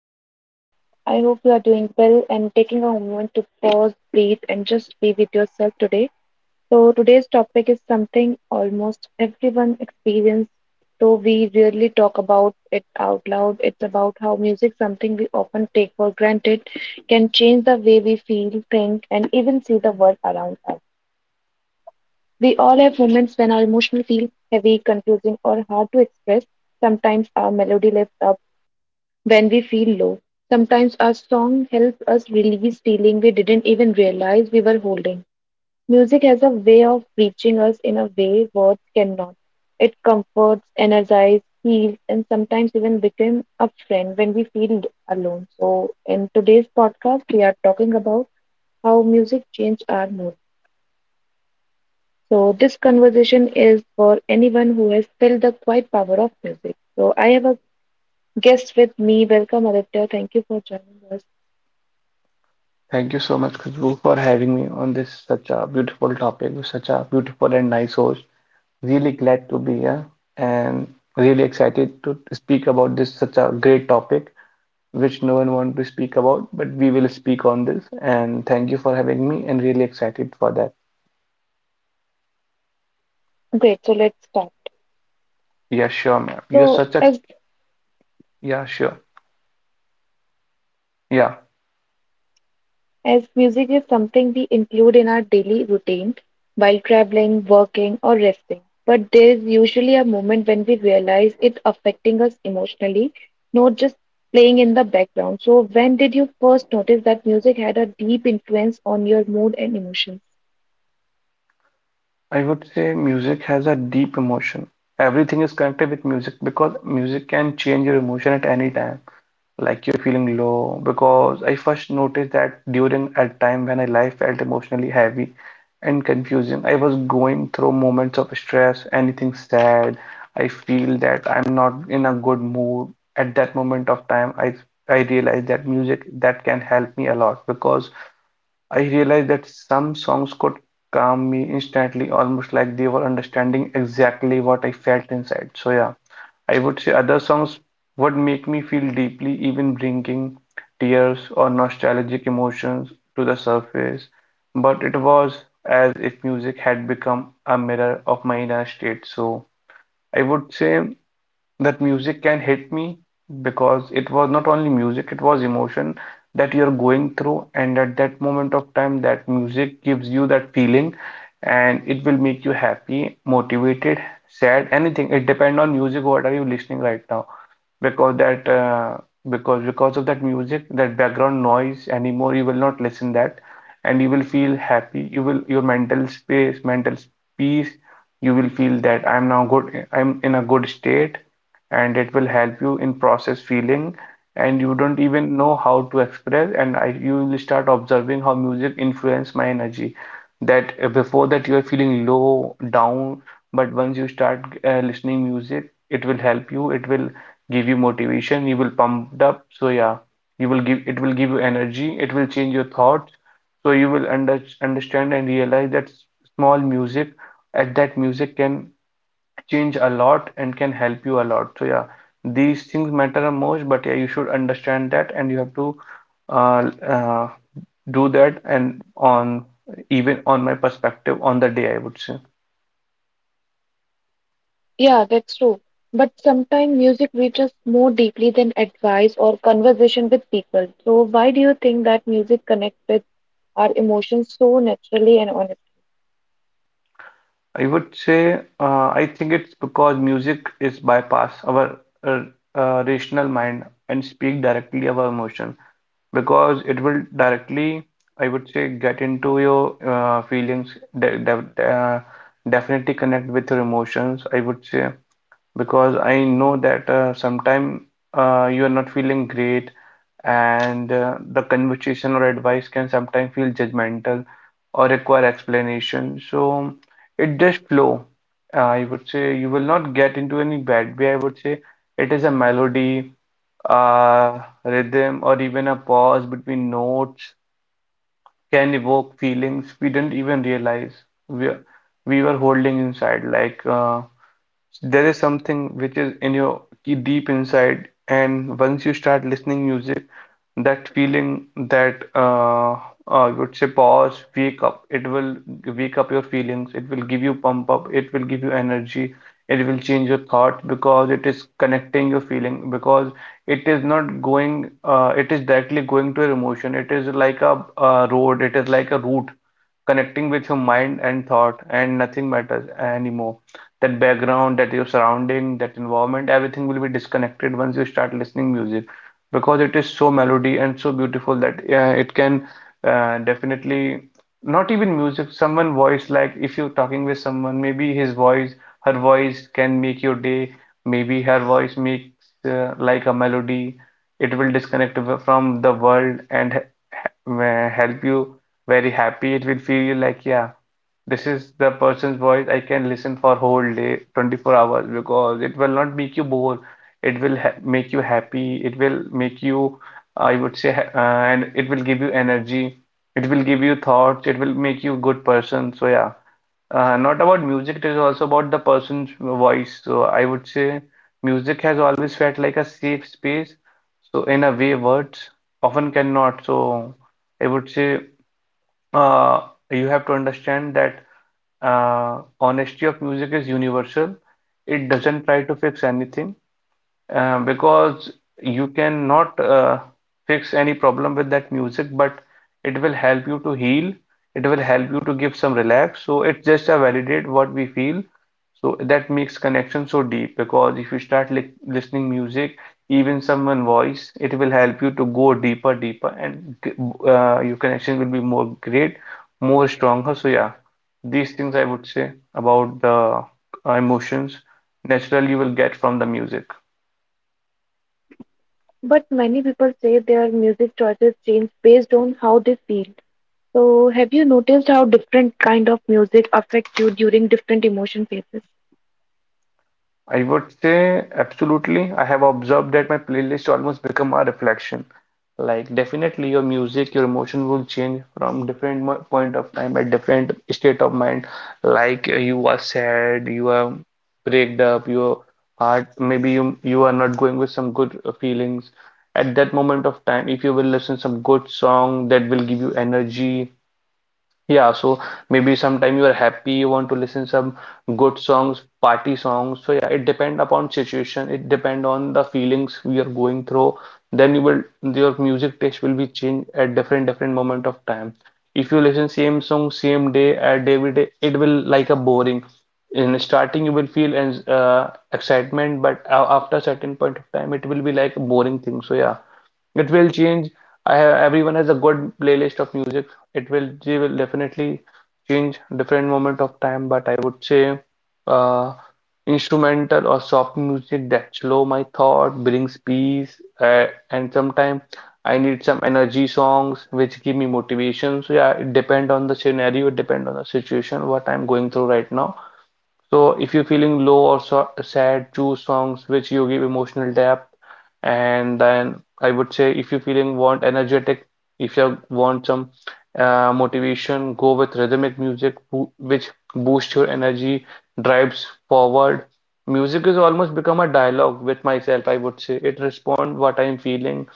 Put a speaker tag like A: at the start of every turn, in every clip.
A: the podcast. I hope you are doing well and taking a moment to pause, breathe, and just be with yourself today. So, today's topic is something almost everyone experiences, though we rarely talk about it out loud. It's about how music, something we often take for granted, can change the way we feel, think, and even see the world around us. We all have moments when our emotions feel heavy, confusing, or hard to express. Sometimes our melody lifts up, when we feel low. Sometimes our song helps us release feeling we didn't even realize we were holding. Music has a way of reaching us in a way words cannot. It comforts, energizes, heals, and sometimes even becomes a friend when we feel alone. So, in today's podcast, we are talking about how music changed our mood. So, this conversation is for anyone who has felt the quiet power of music. So, I have a guest with me. Welcome, Aditya. Thank you for joining us.
B: Thank you so much, Khushbu, for having me on this such a beautiful topic with such a beautiful and nice host. Really glad to be here and really excited to speak about this such a great topic which no one want to speak about, but we will speak on this. And thank you for having me and really excited for that.
A: Great, so let's start.
B: Yeah, sure, ma'am. You're
A: So,
B: such a
A: as
B: yeah, sure. Yeah,
A: as music is something we include in our daily routine while traveling, working, or resting, but there is usually a moment when we realize it's affecting us emotionally, not just playing in the background. So, when did you first notice that music had a deep influence on your mood and emotions?
B: I would say music has a deep emotion. Everything is connected with music because music can change your emotion at any time. Like you're feeling low because I first noticed that during a time when I life felt emotionally heavy and confusing. I was going through moments of stress, anything sad. I feel that I'm not in a good mood at that moment of time. I realized that music that can help me a lot because I realized that some songs could calm me instantly, almost like they were understanding exactly what I felt inside. So yeah. I would say other songs would make me feel deeply, even bringing tears or nostalgic emotions to the surface. But it was as if music had become a mirror of my inner state. So I would say that music can hit me because it was not only music, it was emotion that you're going through, and at that moment of time, that music gives you that feeling and it will make you happy, motivated, sad, anything. It depends on music, what are you listening right now because that because of that music that background noise anymore you will not listen that, and you will feel happy, you will, your mental space, mental peace, you will feel that I'm now good, I'm in a good state, and it will help you in process feeling, and you don't even know how to express, and you will start observing how music influence my energy. That Before that you are feeling low down, but once you start listening music it will help you, it will give you motivation, you will pumped up. So yeah, you will give, it will give you energy, it will change your thoughts. So you will understand and realize that small music at that music can change a lot and can help you a lot. So yeah, these things matter the most, but yeah, you should understand that, and you have to uh, uh, do that and on, even on my perspective on the day, I would say.
A: Yeah, that's true. But sometimes music reaches more deeply than advice or conversation with people. So, why do you think that music connects with our emotions so naturally and honestly?
B: I would say, I think it's because music is bypass our uh, rational mind and speak directly our emotion, because it will directly, I would say, get into your feelings, de de uh, definitely connect with your emotions. I would say because I know that sometime you are not feeling great, and the conversation or advice can sometimes feel judgmental or require explanation. So it just flow. I would say you will not get into any bad way. I would say it is a melody, uh, rhythm, or even a pause between notes can evoke feelings we didn't even realize we we were holding inside, like. There is something which is in your deep inside, and once you start listening music, that feeling that I would say pause wake up, it will wake up your feelings, it will give you pump up, it will give you energy, it will change your thought, because it is connecting your feeling, because it is not going, it is directly going to your emotion. It is like a, road, it is like a route connecting with your mind and thought, and nothing matters anymore. That background, that your surrounding, that environment, everything will be disconnected once you start listening music, because it is so melody and so beautiful that it can definitely, not even music, someone voice, like if you're talking with someone, maybe his voice, her voice can make your day, maybe her voice makes like a melody. It will disconnect from the world and help you very happy. It will feel you like, yeah, this is the person's voice I can listen for whole day, 24 hours, because it will not make you bored. It will ha make you happy. It will make you, I would say, and it will give you energy. It will give you thoughts. It will make you a good person. So yeah, not about music. It is also about the person's voice. So I would say music has always felt like a safe space. So in a way, words often cannot. So I would say uh, you have to understand that honesty of music is universal. It doesn't try to fix anything, because you cannot fix any problem with that music, but it will help you to heal. It will help you to give some relax. So it's just a validate what we feel. So that makes connection so deep, because if you start li listening music, even someone voice, it will help you to go deeper, deeper, and your connection will be more great, more stronger. So yeah, these things I would say about the emotions natural you will get from the music.
A: But many people say their music choices change based on how they feel. So, have you noticed how different kind of music affect you during different emotion phases?
B: I would say absolutely. I have observed that my playlist almost become a reflection. Like definitely your music, your emotion will change from different point of time at different state of mind. Like you are sad, you are breaked up, your heart, maybe you are not going with some good feelings. At that moment of time, if you will listen some good song that will give you energy, yeah, so maybe sometime you are happy, you want to listen some good songs, party songs. So yeah, it depend upon situation, it depend on the feelings we are going through. Then you will, your music taste will be changed at different different moment of time. If you listen same song same day at every day, it will like a boring. In starting you will feel excitement, but after certain point of time it will be like a boring thing. So yeah. It will change. I have, everyone has a good playlist of music. It will, they will definitely change different moment of time, but I would say uh, instrumental or soft music that slow my thought, brings peace, and sometimes I need some energy songs which give me motivation. So yeah, it depend on the scenario, it depend on the situation, what I'm going through right now. So if you're feeling low or so sad, choose songs which you give emotional depth. And then I would say if you're feeling want energetic, if you want some motivation, go with rhythmic music which boosts your energy, drives forward. Music has almost become a dialogue with myself, I would say. It responds what I'm feeling,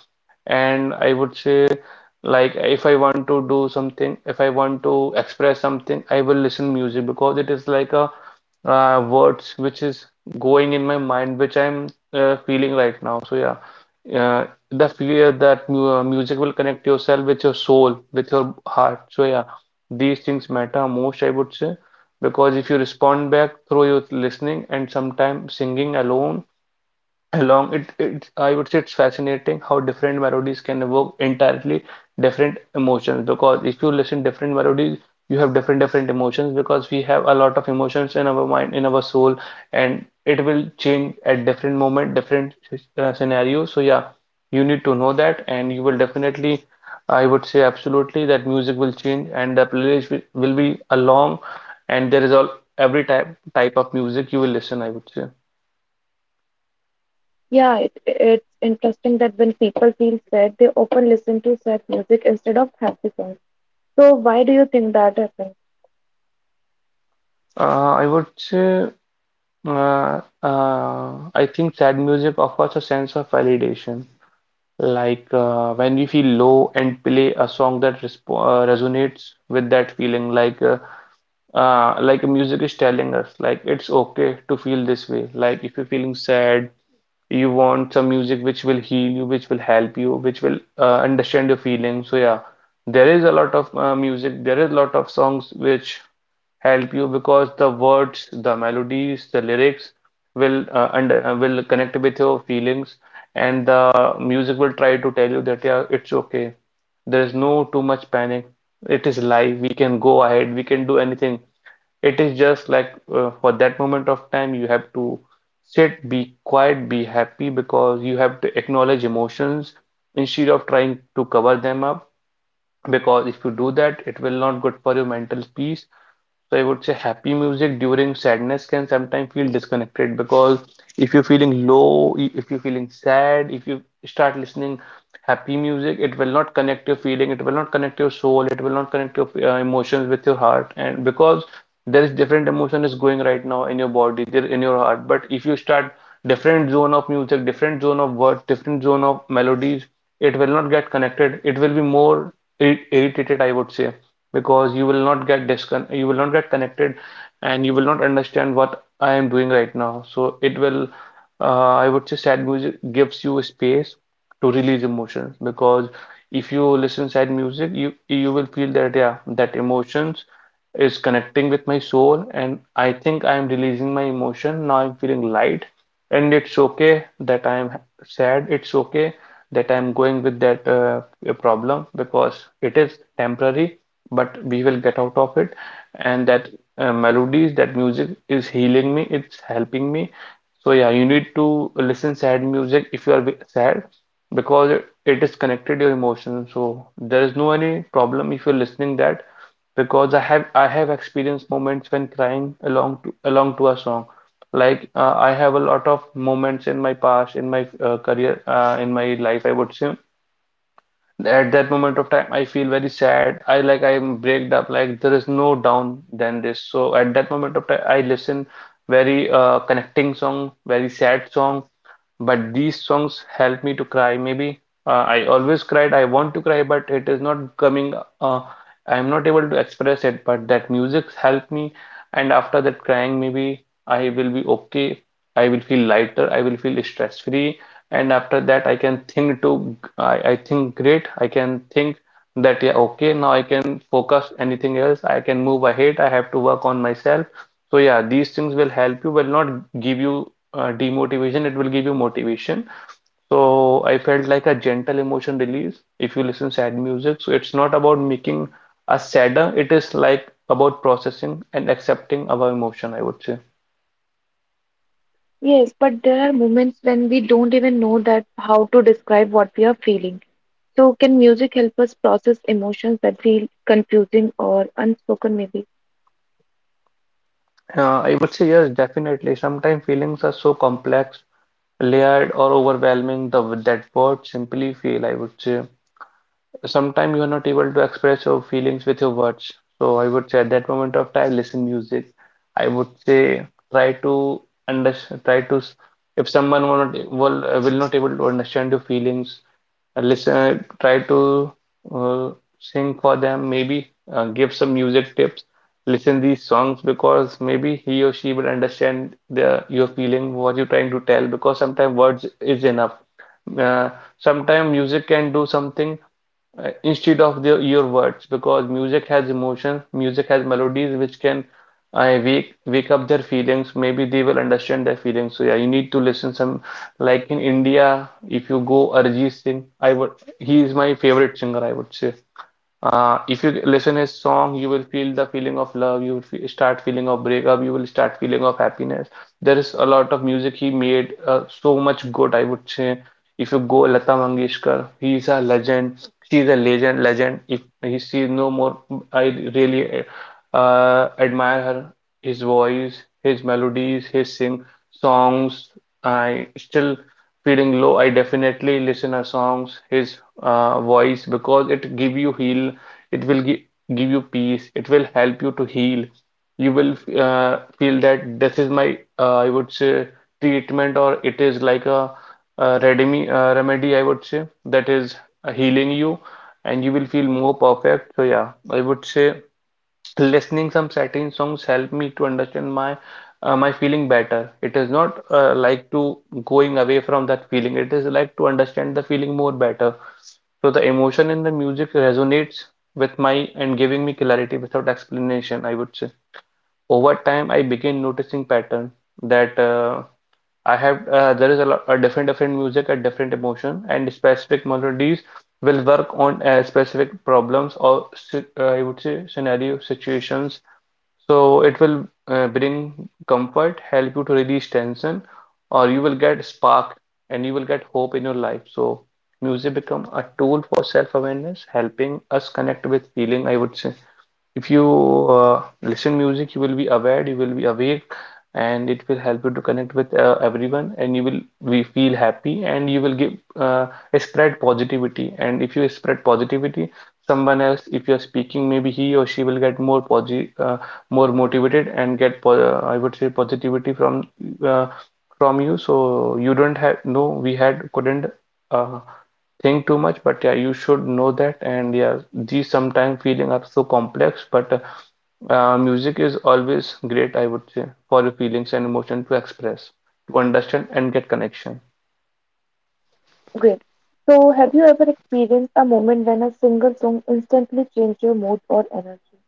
B: and I would say, like, if I want to do something, if I want to express something, I will listen music because it is like a words which is going in my mind, which I'm feeling right now. So yeah, the fear that mu music will connect yourself with your soul, with your heart. So yeah, these things matter most, I would say, because if you respond back through your listening and sometimes singing alone along it, I would say it's fascinating how different melodies can evoke entirely different emotions, because if you listen different melodies you have different different emotions, because we have a lot of emotions in our mind, in our soul, and it will change at different moment, different scenarios. So yeah, you need to know that, and you will definitely, I would say absolutely, that music will change and the playlist will be along, and there is all every type of music you will listen, I would say.
A: Yeah, it's interesting that when people feel sad, they often listen to sad music instead of happy songs. So, why do you think that happens?
B: uh, I would say I think sad music offers a sense of validation. Like when you feel low and play a song that resp resonates with that feeling, like music is telling us, like it's okay to feel this way. Like if you're feeling sad, you want some music which will heal you, which will help you, which will understand your feelings. So yeah, there is a lot of music, there is a lot of songs which help you because the words, the melodies, the lyrics will under will connect with your feelings, and the music will try to tell you that yeah, it's okay. There is no too much panic. It is life. We can go ahead. We can do anything. It is just like for that moment of time, you have to sit, be quiet, be happy because you have to acknowledge emotions instead of trying to cover them up because if you do that it will not good for your mental peace. So I would say happy music during sadness can sometimes feel disconnected because if you're feeling low, if you're feeling sad, if you start listening happy music, it will not connect your feeling, it will not connect your soul, it will not connect your emotions with your heart. And because there is different emotion is going right now in your body, there in your heart. But if you start different zone of music, different zone of words, different zone of melodies, it will not get connected. It will be more irritated, I would say, because you will not get discon you will not get connected and you will not understand what I am doing right now. So it will, I would say, sad music gives you space to release emotions because if you listen sad music, you will feel that yeah, that emotions is connecting with my soul and I think I am releasing my emotion. Now I'm feeling light and it's okay that I am sad. It's okay that I'm going with that. A problem because it is temporary but we will get out of it, and that melodies, that music is healing me, it's helping me. So yeah, you need to listen sad music if you are sad because it is connected your emotions, so there is no any problem if you're listening that. Because I have experienced moments when crying along to along to a song. Like I have a lot of moments in my past, in my career, in my life, I would say. At that moment of time, I feel very sad. I like I'm breaked up. Like there is no down than this. So at that moment of time, I listen very connecting song, very sad song, but these songs help me to cry. Maybe I always cried. I want to cry, but it is not coming. Uh, I am not able to express it. But that music helped me. And after that crying, maybe I will be okay. I will feel lighter. I will feel stress free. And after that, I can think to. I think great. I can think that yeah, okay. Now I can focus anything else. I can move ahead. I have to work on myself. So yeah, these things will help you. Will not give you demotivation, it will give you motivation. So I felt like a gentle emotion release if you listen sad music. So it's not about making us sadder, it is like about processing and accepting our emotion, I would say.
A: Yes, but there are moments when we don't even know that how to describe what we are feeling. So can music help us process emotions that feel confusing or unspoken maybe?
B: I would say yes, definitely. Sometimes feelings are so complex, layered or overwhelming the, that word simply feel, I would say. Sometimes you are not able to express your feelings with your words. So I would say at that moment of time, listen music. I would say try to understand, if someone will not will, will not able to understand your feelings, listen, try to uh, sing for them. Maybe give some music tips. Listen these songs because maybe he or she will understand the your feeling, what you're trying to tell. Because sometimes words is enough. Uh, Sometimes music can do something instead of the, your words because music has emotions, music has melodies which can wake up their feelings, maybe they will understand their feelings. So yeah, you need to listen some, like in India if you go Arijit Singh, I would, he is my favorite singer, I would say. If you listen his song, you will feel the feeling of love. You will fe start feeling of breakup. You will start feeling of happiness. There is a lot of music he made. So much good, I would say. If you go Lata Mangeshkar, he is a legend. She is a legend. Legend. If he she is no more, I really admire her. His voice, his melodies, his sing songs. I still feeling low, I definitely listen a songs, his voice because it give you heal, it will give you peace, it will help you to heal. You will feel that this is my I would say treatment or it is like a, remedy, remedy I would say, that is healing you and you will feel more perfect. So yeah, I would say. Listening some certain songs help me to understand my my feeling better. It is not like to going away from that feeling. It is like to understand the feeling more better. So the emotion in the music resonates with my and giving me clarity without explanation, I would say. Over time, I begin noticing pattern that I have there is a lot a different music at different emotion, and specific melodies will work on specific problems or I would say scenario situations. So it will bring comfort, help you to release tension, or you will get spark and you will get hope in your life. So music become a tool for self-awareness, helping us connect with feeling, I would say. If you listen music, you will be aware, you will be awake, and it will help you to connect with everyone, and you will we feel happy, and you will give uh, spread positivity. And if you spread positivity, someone else, if you are speaking, maybe he or she will get more motivated and get po I would say positivity uh, from you. So you don't have no, we had couldn't uh, think too much, but yeah you should know that. And yeah, these sometimes feeling are so complex, but music is always great, I would say, for your feelings and emotion, to express, to understand and get connection.
A: Great. So have you ever experienced a moment when a single song instantly changed your mood or energy?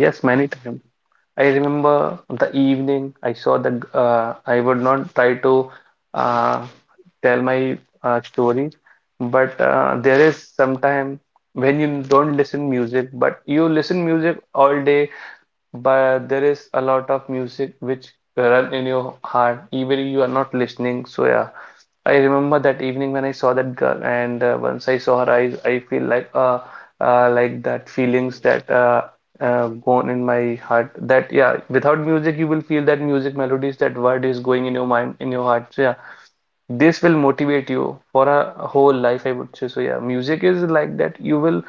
B: Yes, many times. I remember the evening I saw the I would not try to uh, tell my story, but there is sometime when you don't listen music, but you listen music all day, but there is a lot of music which run in your heart, even if you are not listening. So yeah, I remember that evening when I saw that girl, and once I saw her eyes, I feel like that feelings that gone in my heart, that yeah without music you will feel that music melodies that word is going in your mind, in your heart. So yeah, this will motivate you for a whole life, I would say. So yeah, music is like that, you will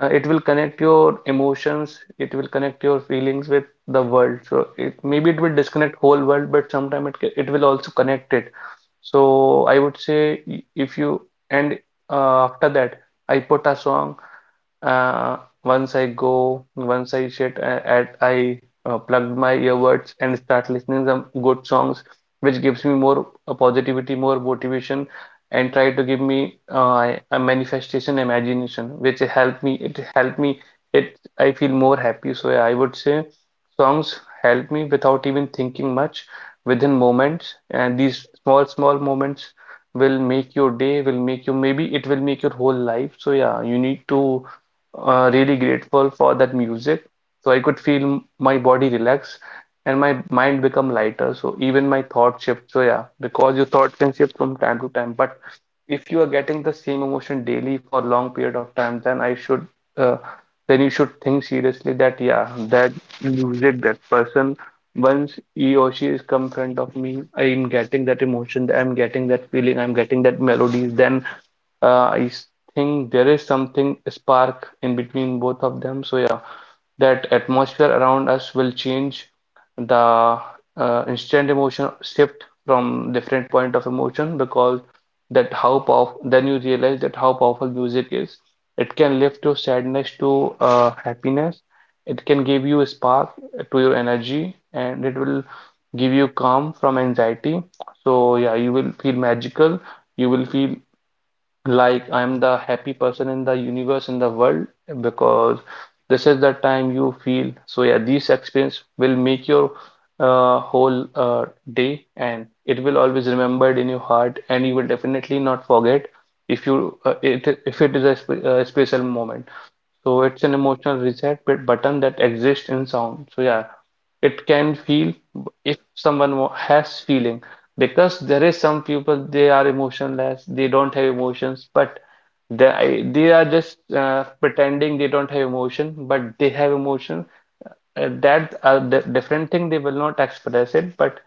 B: it will connect your emotions, it will connect your feelings with the world. So it maybe it will disconnect whole world, but sometime it will also connect it. So I would say if you and after that I put a song, uh, once I go, once I I plug my earbuds and start listening some good songs, which gives me more positivity, more motivation, and try to give me a manifestation, imagination, which help me. It help me. It I feel more happy. So yeah, I would say songs help me without even thinking much, within moments, and these small moments will make your day, will make you maybe it will make your whole life. So yeah, you need to really grateful for that music. So I could feel my body relax and my mind become lighter. So even my thought shift. So yeah, because your thought can shift from time to time. But if you are getting the same emotion daily for long period of time, then I should uh, then you should think seriously that yeah, that music, that person, once he or she is come front of me, I am getting that emotion, I'm getting that feeling, I'm getting that melodies, then uh, I s- think there is something spark in between both of them. So yeah, that atmosphere around us will change the instant emotion shift from different point of emotion. Because that how powerful, then you realize that how powerful music is. It can lift your sadness to happiness. It can give you a spark to your energy and it will give you calm from anxiety. So yeah, you will feel magical. You will feel like I'm the happy person in the universe in the world because this is the time you feel. So yeah, these experience will make your whole day, and it will always remembered in your heart, and you will definitely not forget if you if it is a special moment. So it's an emotional reset button that exists in sound. So yeah, it can feel if someone has feeling, because there is some people they are emotionless, they don't have emotions, but they they are just pretending they don't have emotion, but they have emotion. That different thing, they will not express it, but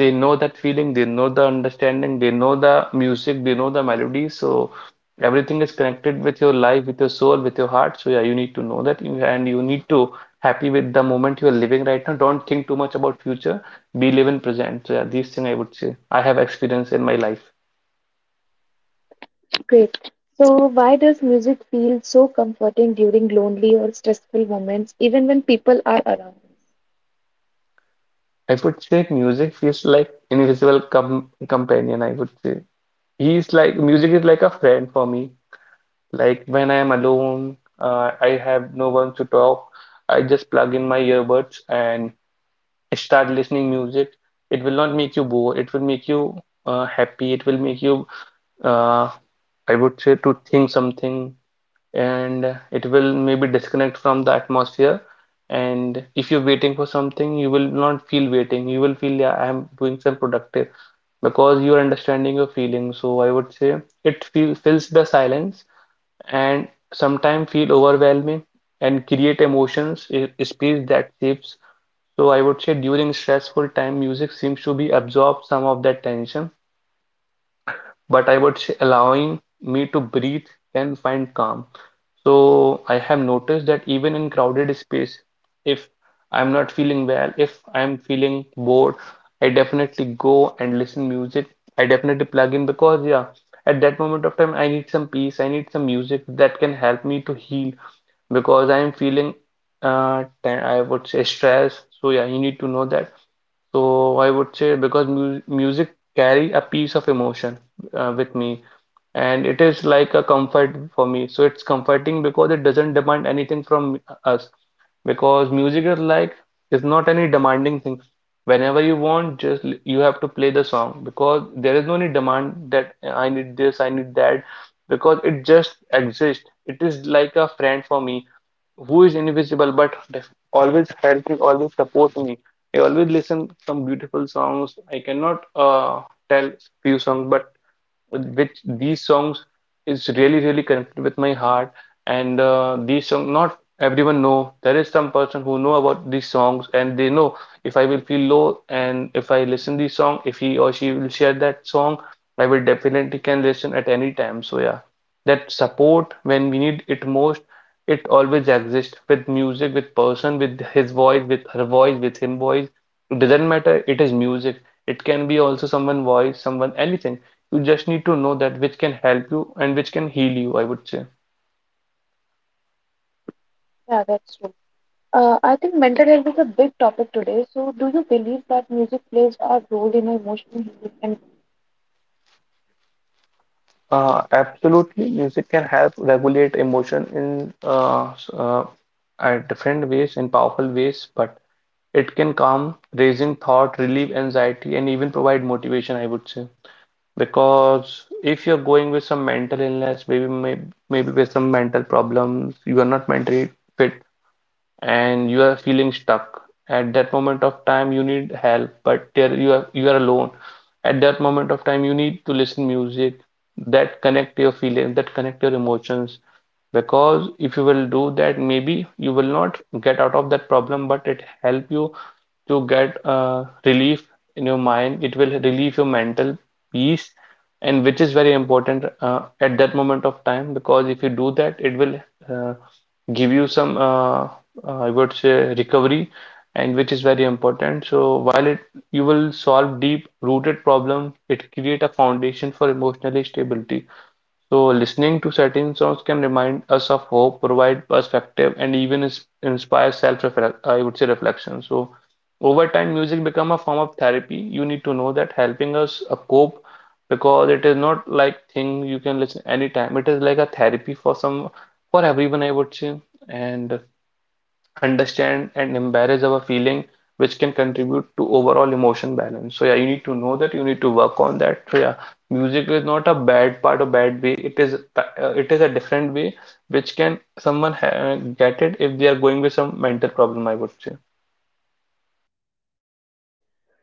B: they know that feeling, they know the understanding, they know the music, they know the melody. So everything is connected with your life, with your soul, with your heart. So yeah, you need to know that you, and you need to happy with the moment you are living right now. Don't think too much about future. Be live in present. So yeah, these thing I would say I have experience in my life.
A: Great. So why does music feel so comforting during lonely or stressful moments, even when people are around?
B: I would say music feels like invisible companion, I would say. He's like music is like a friend for me. Like when I'm alone, I have no one to talk. I just plug in my earbuds and start listening music. It will not make you bored. It will make you happy. It will make you, uh, I would say, to think something, and it will maybe disconnect from the atmosphere. And if you're waiting for something, you will not feel waiting. You will feel, yeah, I am doing some productive, because you're understanding your feelings. So I would say it fills the silence and sometimes feel overwhelming and create emotions space that shifts. So I would say during stressful time, music seems to be absorb some of that tension, but I would say allowing me to breathe and find calm. So I have noticed that even in crowded space, if I'm not feeling well, if I'm feeling bored, I definitely go and listen music. I definitely plug in because yeah, at that moment of time, I need some peace. I need some music that can help me to heal because I'm feeling I would say stress. So yeah, you need to know that. So I would say because mu music carry a piece of emotion with me, and it is like a comfort for me. So it's comforting because it doesn't demand anything from us. Because music is like is not any demanding thing. Whenever you want, just you have to play the song because there is no any demand that I need this, I need that, because it just exists. It is like a friend for me who is invisible but always helps me, always supports me. I always listen some beautiful songs. I cannot tell few songs, but which these songs is really really connected with my heart, and these song not everyone know. There is some person who know about these songs, and they know if I will feel low, and if I listen these song, if he or she will share that song, I will definitely can listen at any time. So yeah, that support when we need it most, it always exists with music, with person, with his voice, with her voice, with him voice. It doesn't matter, it is music. It can be also someone voice, someone anything. You just need to know that which can help you and which can heal you, I would say.
A: Yeah, that's true. I think mental health is a big topic today. So, do you believe that music plays a role in emotional healing? And
B: Absolutely, music can help regulate emotion in at different ways, in powerful ways, but it can calm, raising thought, relieve anxiety, and even provide motivation, I would say. Because if you're going with some mental illness, maybe with some mental problems, you are not mentally fit, and you are feeling stuck. At that moment of time you need help, but there you are, you are alone. At that moment of time you need to listen music that connect your feelings, that connect your emotions. Because if you will do that, maybe you will not get out of that problem, but it help you to get relief in your mind. It will relieve your mental peace, and which is very important at that moment of time. Because if you do that, it will uh, give you some I would say recovery, and which is very important. So while it you will solve deep rooted problem, it create a foundation for emotional stability. So listening to certain songs can remind us of hope, provide perspective, and even inspire self, I would say, reflection. So over time, music become a form of therapy. You need to know that, helping us cope, because it is not like thing you can listen anytime. It is like a therapy for some, for everyone, I would say. And understand and embrace our feeling, which can contribute to overall emotion balance. So yeah, you need to know that, you need to work on that. So yeah, music is not a bad part or bad way. It is it is a different way which can someone ha get it if they are going with some mental problem, I would say.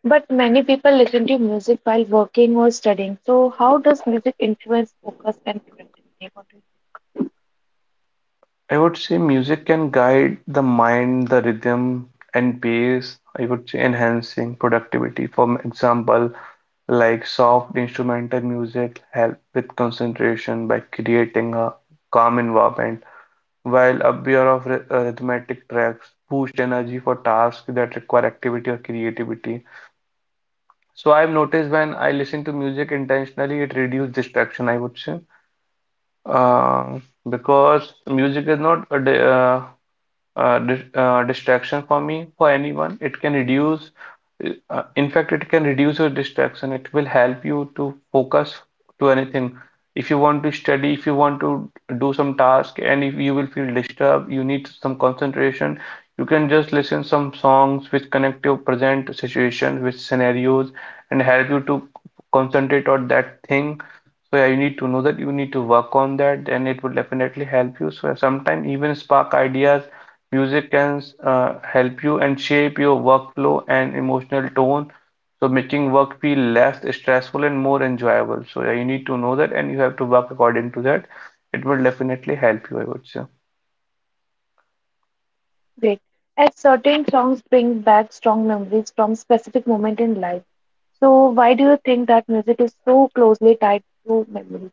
A: but many people listen to music while working or studying. So, how does music influence focus and productivity? What do you
B: I would say music can guide the mind, the rhythm and pace, I would say, enhancing productivity for example. Like soft instrumental music help with concentration by creating a calm environment, while a pair of rhythmic tracks boost energy for tasks that require activity or creativity. So I've noticed when I listen to music intentionally, it reduces distraction, I would say, uh, because music is not a distraction for me, for anyone. It can reduce, in fact, it can reduce your distraction. It will help you to focus to anything. If you want to study, if you want to do some task, and if you will feel disturbed, you need some concentration. You can just listen some songs which connect your present situation with scenarios and help you to concentrate on that thing. So yeah, you need to know that you need to work on that, and it will definitely help you. So sometimes even spark ideas. Music can help you and shape your workflow and emotional tone, so making work feel less stressful and more enjoyable. So yeah, you need to know that, and you have to work according to that. It will definitely help you, I would say.
A: think? Great. As certain songs bring back strong memories from specific moment in life. So, why do you think that music is so closely tied to memory?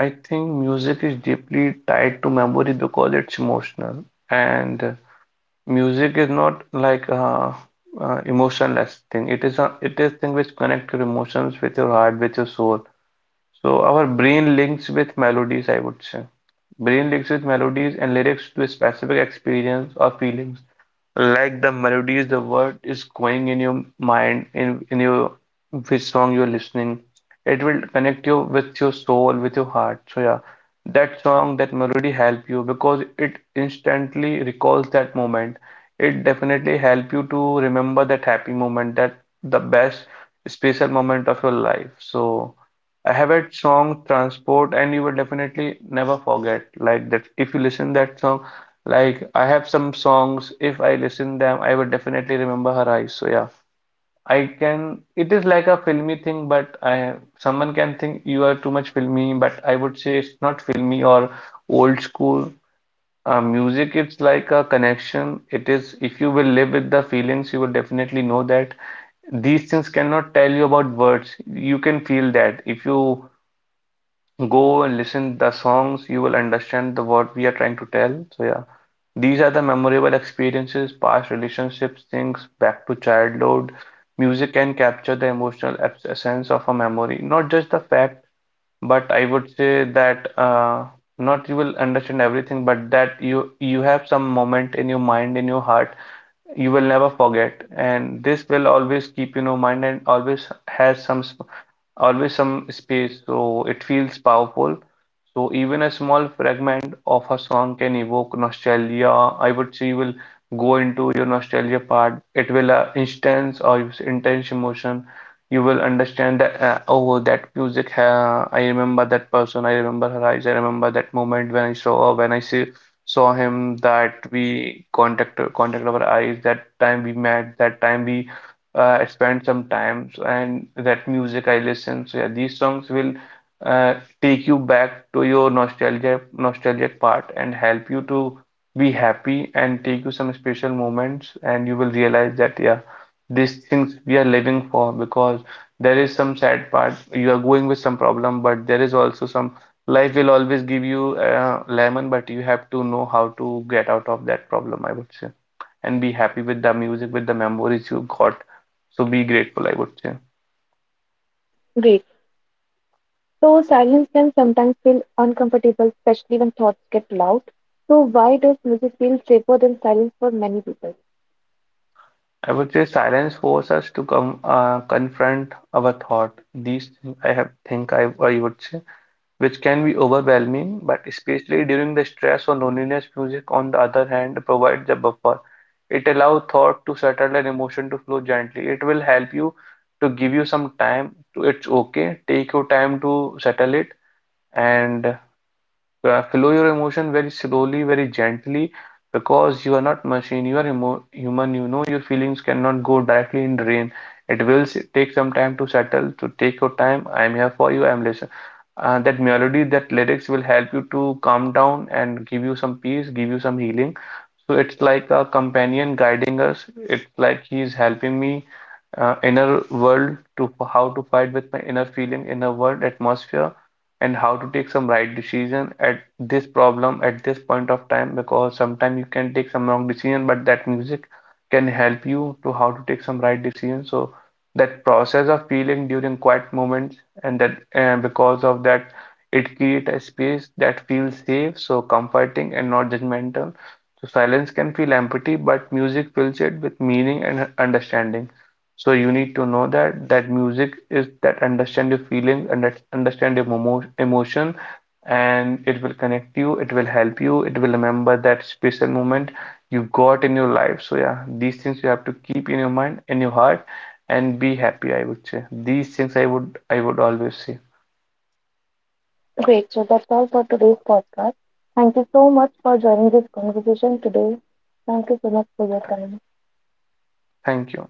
B: I think music is deeply tied to memory because it's emotional, and music is not like a, emotionless thing. It is a it is thing which connect your emotions with your heart, with your soul. So our brain links with melodies, I would say. Brain links with melodies and lyrics to specific experiences or feelings. Like the melodies, the word is going in your mind, in your which song you're listening. It will connect you with your soul, with your heart. So yeah, that song, that melody help you because it instantly recalls that moment. It definitely help you to remember that happy moment, that the best special moment of your life. So I have that song transport, and you will definitely never forget like that if you listen that song. Like I have some songs, if I listen them, I would definitely remember her eyes. So yeah, I can. It is like a filmy thing, but I someone can think you are too much filmy, but I would say it's not filmy or old school. Music, it's like a connection. It is if you will live with the feelings, you will definitely know that these things cannot tell you about words. You can feel that if you go and listen the songs, you will understand the what we are trying to tell. So yeah, these are the memorable experiences, past relationships, things back to childhood. Music can capture the emotional essence of a memory, not just the fact, but I would say that not you will understand everything, but that you have some moment in your mind, in your heart, you will never forget, and this will always keep in your mind and always has some always some space. So it feels powerful. So even a small fragment of a song can evoke nostalgia, I would say. You will go into your nostalgia part. It will instance or use intense emotion. You will understand that oh, that music, I remember that person, I remember her eyes, I remember that moment when I saw her, when I see saw him, that we contact our eyes, that time we met, that time we I spend some time so, and that music I listen. So yeah, these songs will uh, take you back to your nostalgia nostalgic part and help you to be happy and take you some special moments, and you will realize that yeah, these things we are living for. Because there is some sad part. You are going with some problem, but there is also some life will always give you lemon, but you have to know how to get out of that problem, I would say, and be happy with the music, with the memories you got. So be grateful, I would say.
A: Great. So silence can sometimes feel uncomfortable, especially when thoughts get loud. So why does music feel safer than silence for many people?
B: I would say silence forces us to come confront our thought. These things I have I would say, which can be overwhelming, but especially during the stress or loneliness, music on the other hand provides a buffer. It allows thought to settle and emotion to flow gently. It will help you to give you some time to it's okay. Take your time to settle it. And so, follow your emotion very slowly, very gently, because you are not machine, you are emo human. You know your feelings cannot go directly in drain. It will take some time to settle, to take your time. I am here for you. I am listen. That melody, that lyrics will help you to calm down and give you some peace, give you some healing. So it's like a companion guiding us. It's like he is helping me inner world to how to fight with my inner feeling, inner world atmosphere, and how to take some right decision at this problem at this point of time, because sometimes you can take some wrong decision, but that music can help you to how to take some right decision. So that process of feeling during quiet moments, and that because of that, it creates a space that feels safe, so comforting and not judgmental. So silence can feel empty, but music fills it with meaning and understanding. So you need to know that that music is that understand your feeling and that understand your emotion, and it will connect you, it will help you, it will remember that special moment you got in your life. So yeah, these things you have to keep in your mind, in your heart, and be happy, I would say. These things I would always say.
A: Great. So that's all for today's podcast. Thank you so much for joining this conversation today. Thank you so much for your time.
B: Thank you.